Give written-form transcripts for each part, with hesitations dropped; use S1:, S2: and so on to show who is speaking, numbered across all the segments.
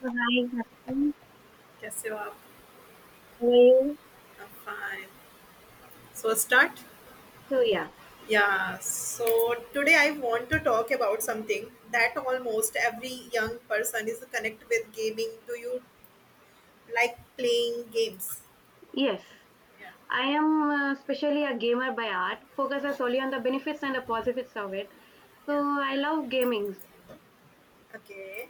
S1: So hi, Happy.
S2: Cassava,
S1: How are you?
S2: fine. So start.
S1: So yeah,
S2: Yeah. So today I want to talk about something that almost every young person is connected with gaming. Do you like playing games?
S1: yes,
S2: Yeah.
S1: I am especially a gamer by art, focuses solely on the benefits and the positives of it. So
S2: Yeah.
S1: I love gaming.
S2: Okay.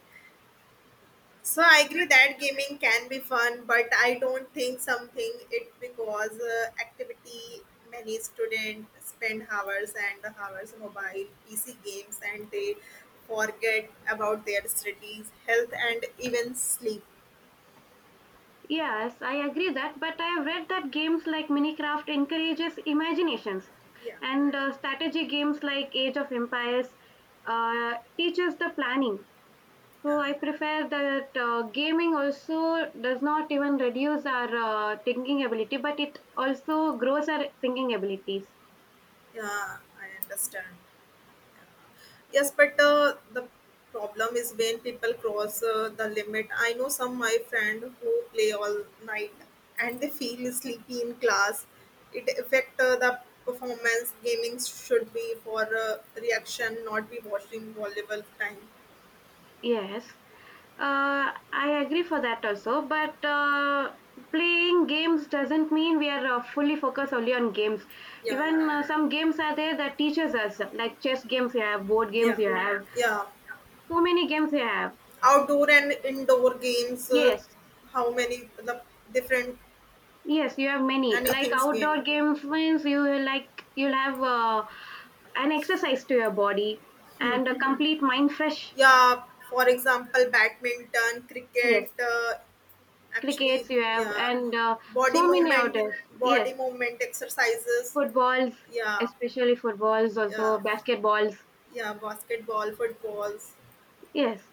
S2: So I agree that gaming can be fun, but I don't think something it because activity many students spend hours and hours mobile PC games and they forget about their studies, health, and even sleep.
S1: Yes, I agree that, but I have read that games like Minecraft encourages imaginations,
S2: Yeah,
S1: and strategy games like Age of Empires uh, teaches the planning. So
S2: yeah,
S1: I prefer that gaming also does not even reduce our thinking ability, but it also grows our thinking abilities.
S2: yeah I understand. Yes, but the problem is when people cross the limit. I know some my friend who play all night and they feel sleepy in class. It affect the performance. Gaming should be for reaction, not be watching volleyball time.
S1: Yes, I agree for that also. But playing games doesn't mean we are fully focused only on games.
S2: Yeah,
S1: Even
S2: yeah,
S1: some games are there that teaches us, like chess games you have, board games
S2: yeah,
S1: you have,
S2: yeah.
S1: so many games you have.
S2: Outdoor and indoor games.
S1: Yes,
S2: How many the different
S1: yes, you have many. Like
S2: anything's
S1: outdoor
S2: game?
S1: games means you will like you'll have an exercise to your body and a Mhm. complete mind fresh.
S2: Yeah, for example, badminton, cricket.
S1: Yes, crickets
S2: Actually
S1: you have
S2: yeah,
S1: and
S2: body
S1: so many
S2: movement
S1: outdoors. Yes.
S2: body movement exercises,
S1: Footballs,
S2: yeah,
S1: especially footballs,
S2: yeah,
S1: also basketballs.
S2: yeah, basketball footballs,
S1: Yes.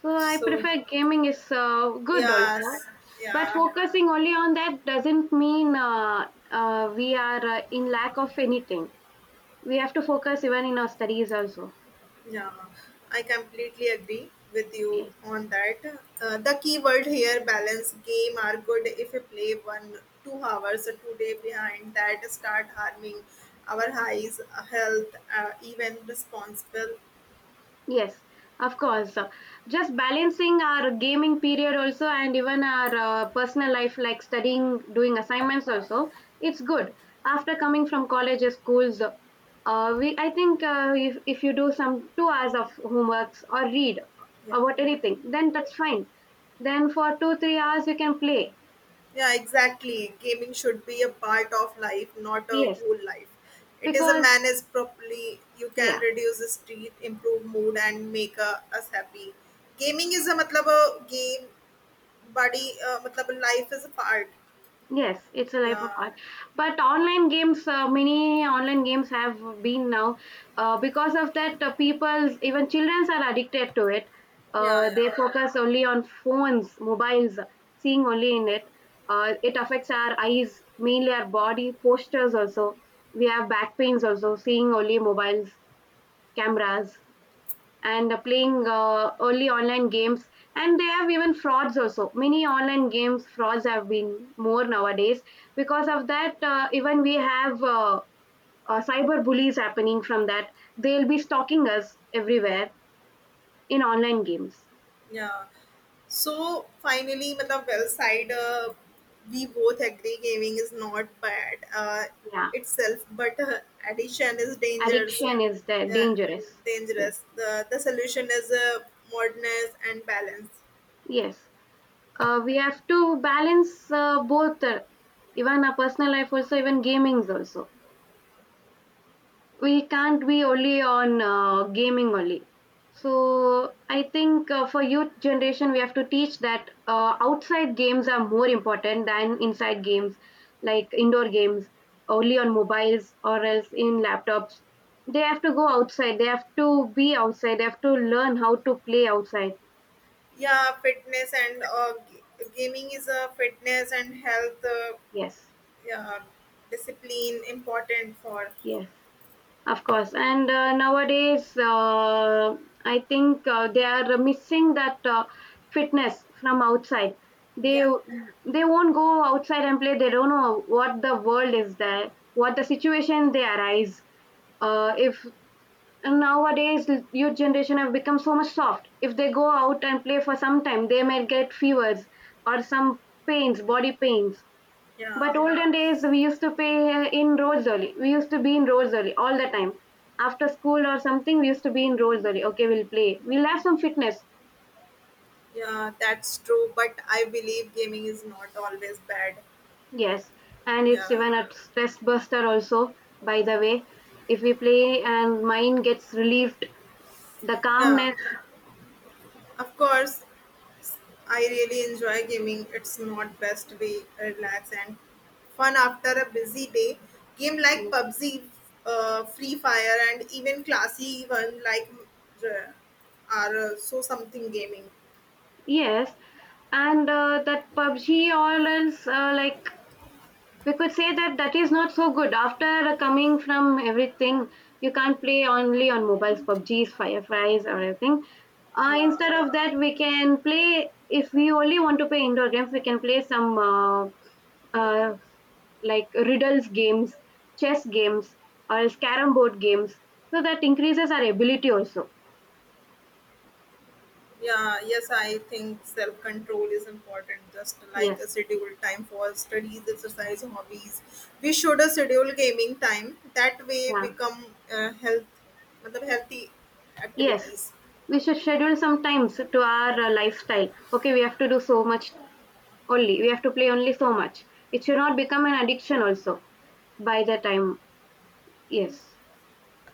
S1: So I
S2: so
S1: prefer gaming is good also,
S2: yes,
S1: but
S2: yeah,
S1: focusing only on that doesn't mean we are in lack of anything. We have to focus even in our studies also.
S2: yeah, I completely agree with you
S1: Yes.
S2: on that. The key word here balance game are good if you play 1-2 hours or 2 day behind that start harming our eyes, health, even responsible.
S1: Yes, of course. Just balancing our gaming period also and even our personal life, like studying, doing assignments also, it's good. After coming from college or schools, we I think if you do some 2 hours of homeworks or read
S2: Yeah.
S1: or what anything, then that's fine. Then for two, 3 hours you can play.
S2: Yeah, exactly. Gaming should be a part of life, not a
S1: Yes,
S2: whole life. It is a
S1: because,
S2: managed properly. You can
S1: yeah.
S2: reduce the street, improve mood, and make us happy. Gaming is a मतलब a game, body मतलब life is a part.
S1: Yes, it's a life of
S2: Yeah,
S1: art. But online games, many online games have been now. Because of that, people's even children, are addicted to it.
S2: yeah, yeah,
S1: They focus only on phones, mobiles, seeing only in it. It affects our eyes, mainly our body postures also. We have back pains also, seeing only mobiles, cameras and playing early online games, and they have even frauds also. Many online games frauds have been more nowadays. Because of that even we have cyber bullies happening from that. They'll be stalking us everywhere in online games.
S2: yeah. So finally, मतलब well side, we both agree gaming is not bad
S1: Yeah,
S2: itself, but addiction is dangerous.
S1: addiction is
S2: Yeah,
S1: dangerous. Yes,
S2: dangerous. The solution is modernness and balance.
S1: yes, we have to balance both, even our personal life also, even gamings also. We can't be only on gaming only. So I think for youth generation we have to teach that outside games are more important than inside games, like indoor games only on mobiles or else in laptops. They have to go outside, they have to be outside, they have to learn how to play outside.
S2: Yeah, fitness and gaming is a fitness and health,
S1: Yes,
S2: yeah, discipline important for,
S1: yes. Of course, and nowadays, I think they are missing that fitness from outside. They
S2: yeah,
S1: they won't go outside and play. They don't know what the world is there, what the situation they arise. If nowadays youth generation have become so much soft, if they go out and play for some time, they may get fevers or some pains, body pains.
S2: yeah,
S1: But olden days, we used to pay in roads early. We used to be in roads early all the time. After school or something, we used to be in roads early. Okay, we'll play. We'll have some fitness.
S2: yeah, that's true. But I believe gaming is not always bad.
S1: Yes. And it's
S2: Yeah,
S1: even a stress buster also, by the way. If we play and mind gets relieved, the
S2: yeah,
S1: calmness.
S2: of course. I really enjoy gaming. It's not best way relax and fun after a busy day. Game like PUBG, Free Fire, and even classy one like, uh, are so something gaming.
S1: Yes. And that PUBG all else, like we could say that that is not so good. After coming from everything, you can't play only on mobiles, PUBGs, Fireflies, or everything.
S2: Yeah,
S1: Instead of that, we can play. If we only want to play indoor games, we can play some uh, like riddles games, chess games, or else carom board games. So that increases our ability also.
S2: yeah, yes. I think self control is important. Just like
S1: Yes.
S2: a schedule time for studies, exercise, hobbies. We should schedule gaming time. That way,
S1: Yeah.
S2: become health, मतलब healthy
S1: Yes.
S2: activities.
S1: We should schedule some times to our
S2: Yeah,
S1: lifestyle. Okay, we have to do so much, only we have to play only so much, it should
S2: yeah.
S1: not become an addiction also by the time. Yes.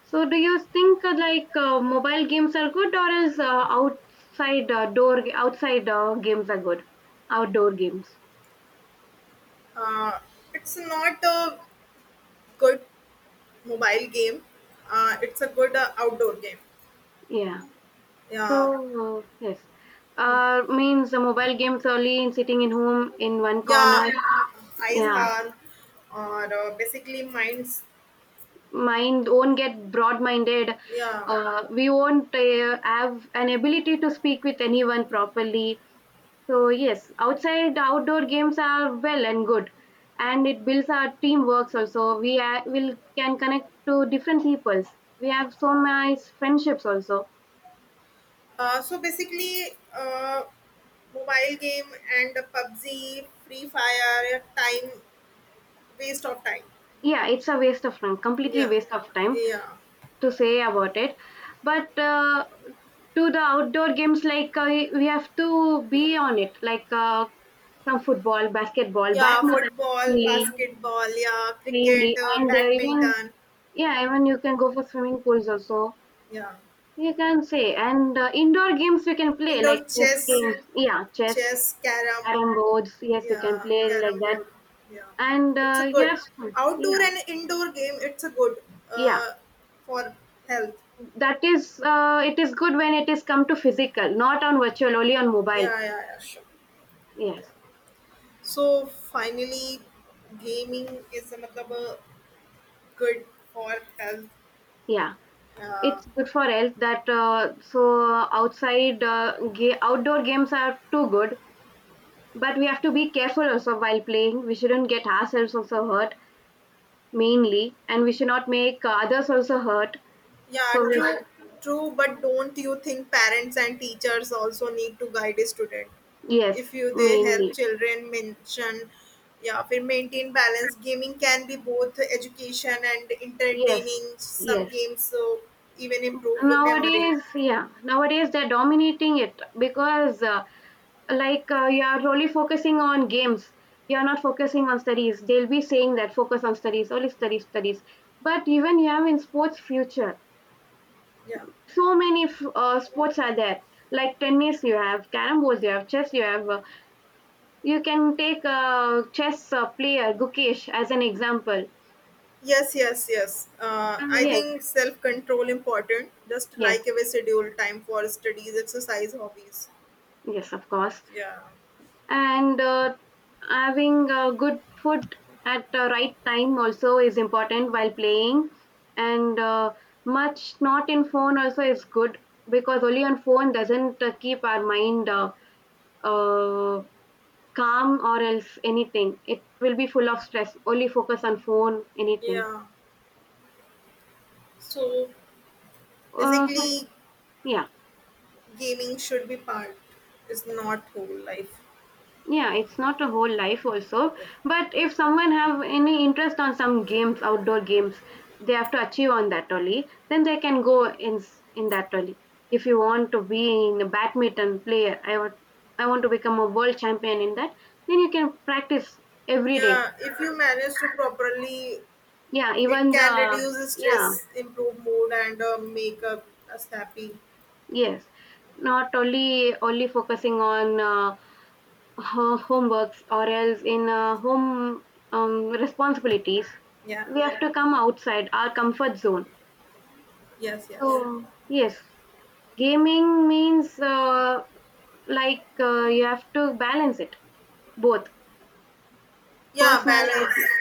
S1: So do you think mobile games are good or is outside door outside games are good, outdoor games?
S2: Uh, it's not a good mobile game. It's a good outdoor game.
S1: Yeah. So
S2: Yeah,
S1: yes, means the mobile games only in sitting in home in one corner.
S2: yeah, eyes
S1: Yeah,
S2: harm or basically minds.
S1: mind won't get broad minded.
S2: Yeah.
S1: We won't have an ability to speak with anyone properly. So yes, outside outdoor games are well and good, and it builds our teamwork. Also, we are, will can connect to different peoples. We have so nice friendships. Also,
S2: So basically, mobile game and PUBG, Free Fire, time waste of time.
S1: yeah, it's a waste of time, completely
S2: Yeah,
S1: waste of time
S2: yeah,
S1: to say about it. But to the outdoor games, like we have to be on it, like some football, basketball,
S2: yeah.
S1: badminton,
S2: Football,
S1: mainly,
S2: basketball, yeah,
S1: mainly,
S2: cricket,
S1: and even
S2: badminton,
S1: yeah, even you can go for swimming pools also.
S2: yeah.
S1: You can say, and indoor games we can play
S2: Indoor
S1: like chess
S2: chess,
S1: games, yeah, chess,
S2: chess, carom,
S1: carrom boards. Yes, you can
S2: yeah,
S1: play like
S2: carom
S1: that.
S2: board. Yeah,
S1: And
S2: it's a good
S1: yes,
S2: outdoor
S1: yeah,
S2: and indoor game. It's a good
S1: yeah.
S2: uh, for health.
S1: That is, it is good when it is come to physical, not on virtual, only on mobile.
S2: Yeah, yeah, yeah, sure.
S1: Yes,
S2: So finally, gaming is a मतलब, good for health.
S1: yeah.
S2: Yeah.
S1: It's good for health that outside outdoor games are too good, but we have to be careful also while playing. We shouldn't get ourselves also hurt mainly, and we should not make others also hurt.
S2: Yeah,
S1: So we.
S2: true, true. But don't you think parents and teachers also need to guide a student? If
S1: Yes,
S2: you they help
S1: mainly.
S2: children mention, yeah, फिर maintain balance. Gaming can be both education and
S1: Yes,
S2: entertaining. Some
S1: yes.
S2: games so even improve memory.
S1: Nowadays, yeah, nowadays they're dominating it because, you are only focusing on games. You are not focusing on studies. They'll be saying that focus on studies, only studies, studies. But even you have in sports future,
S2: Yeah.
S1: so many sports are there. Like tennis, you have carom boards, you have chess, you have. You can take a chess player Gukesh as an example.
S2: Yes, yes, yes. I
S1: Yes,
S2: think self control important. Just
S1: yes,
S2: like a schedule time for studies, exercise, hobbies.
S1: yes, of course.
S2: Yeah.
S1: And having good food at the right time also is important while playing, and much not in phone also is good, because only on phone doesn't keep our mind uh, calm or else anything. It will be full of stress, only focus on phone anything.
S2: Yeah. So
S1: uh, so-
S2: basically,
S1: yeah,
S2: gaming should be part, it's not whole life.
S1: Yeah, it's not a whole life also.
S2: Yeah,
S1: But if someone have any interest on some games, outdoor games, they have to achieve on that only. Then they can go in in that only. If you want to be in a badminton player, I want to become a world champion in that. Then you can practice every day.
S2: yeah, if you manage to properly
S1: Yeah,
S2: it
S1: even
S2: can
S1: the
S2: reduce
S1: yeah
S2: stress, improve mood, and make up us happy.
S1: yes, not only only focusing on. Homeworks or else in home responsibilities,
S2: Yeah,
S1: we have to come outside our comfort zone.
S2: yes, yes,
S1: So, yes, gaming means you have to balance it both
S2: yeah,
S1: personal life,
S2: balance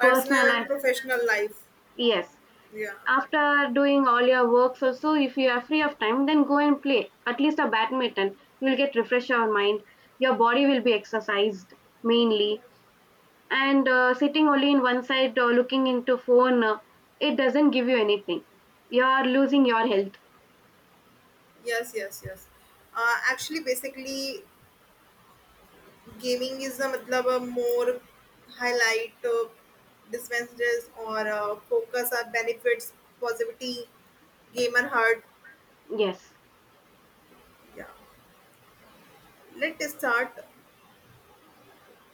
S1: personal life,
S2: and professional life.
S1: yes.
S2: Yeah,
S1: After doing all your works, also, if you are free of time, then go and play at least a badminton. You will get refresh your mind, your body will be exercised mainly, and sitting only in one side or looking into phone it doesn't give you anything. You are losing your health.
S2: yes, yes, yes. Actually basically gaming is a matlab a more highlight, dispenses or focus on benefits, positivity, gamer heart.
S1: Yes,
S2: Yeah. Let's start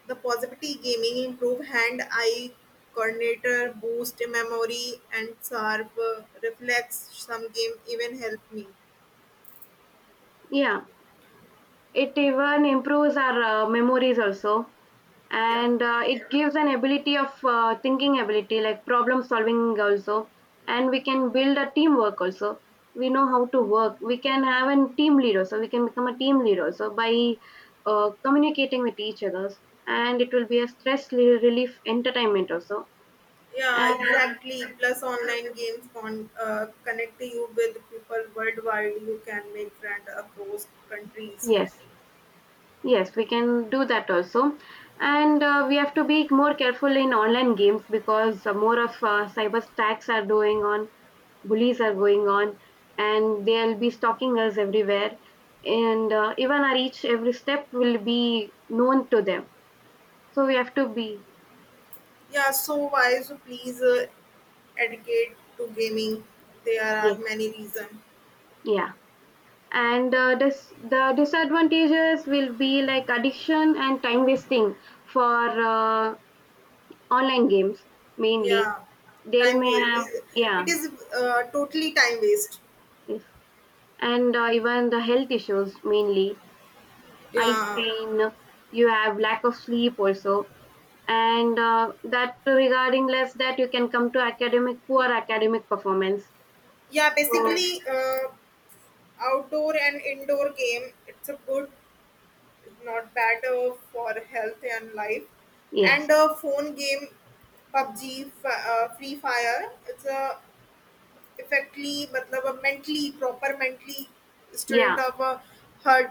S2: the positivity gaming, improve hand eye coordinator, boost memory, and sharp reflex. Some game even help me.
S1: yeah. It even improves our memories also,
S2: Yeah.
S1: and it gives an ability of thinking ability like problem solving also. And we can build a teamwork also. We know how to work, we can have a team leader, so we can become a team leader also by communicating with each others, and it will be a stress relief entertainment also.
S2: Yeah,
S1: And
S2: exactly. Plus, online games connect you with people worldwide. You can make friends across countries.
S1: yes, yes, we can do that also. And we have to be more careful in online games because more of cyber attacks are going on, bullies are going on, and they'll be stalking us everywhere. And even our each every step will be known to them. So we have to be,
S2: Yeah, so why so please educate to gaming. There are
S1: yes,
S2: many reasons.
S1: yeah. And this, the disadvantages will be like addiction and time wasting for uh, online games mainly.
S2: Yeah,
S1: They will
S2: time
S1: may
S2: waste.
S1: have,
S2: It
S1: yeah.
S2: is totally time waste.
S1: Yes. And even the health issues, mainly eye
S2: Yeah,
S1: strain, you have lack of sleep also. And that regarding less that you can come to academic, poor academic performance.
S2: yeah.
S1: So,
S2: Basically, outdoor and indoor game. It's a good, not bad for health and life.
S1: yes.
S2: And a phone game, PUBG, Free Fire. It's a effectively, मतलब a mentally proper mentally student
S1: Yeah.
S2: of a hurt.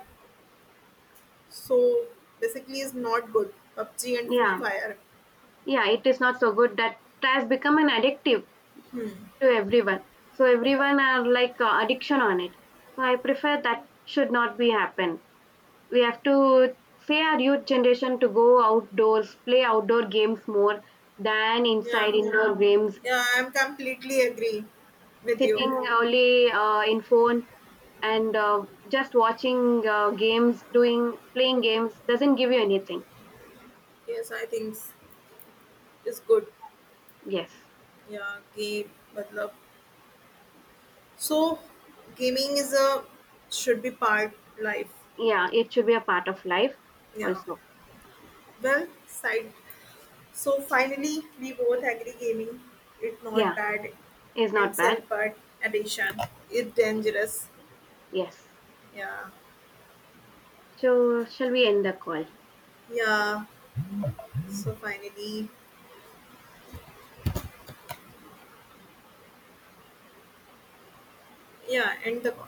S2: So basically, is not good. PUBG and Free
S1: Yeah.
S2: Fire.
S1: Yeah. It is not so good that has become an addictive to everyone. So everyone are like addiction on it. So I prefer that should not be happen. We have to say our youth generation to go outdoors, play outdoor games more than inside
S2: Yeah.
S1: indoor games,
S2: Yeah, I'm completely agree with
S1: sitting
S2: you.
S1: only in phone, and just watching games, doing playing games doesn't give you anything.
S2: Yes, I think s- it's good.
S1: Yes,
S2: Yeah, game, matlab. So, gaming is a should be part life.
S1: yeah, it should be a part of life
S2: Yeah.
S1: also.
S2: Well, side. So finally, we both agree gaming is not
S1: Yeah,
S2: bad
S1: is not
S2: and
S1: bad.
S2: self part addiction. It's dangerous.
S1: Yes.
S2: Yeah.
S1: So shall we end the call?
S2: Yeah. So finally, yeah, end the call.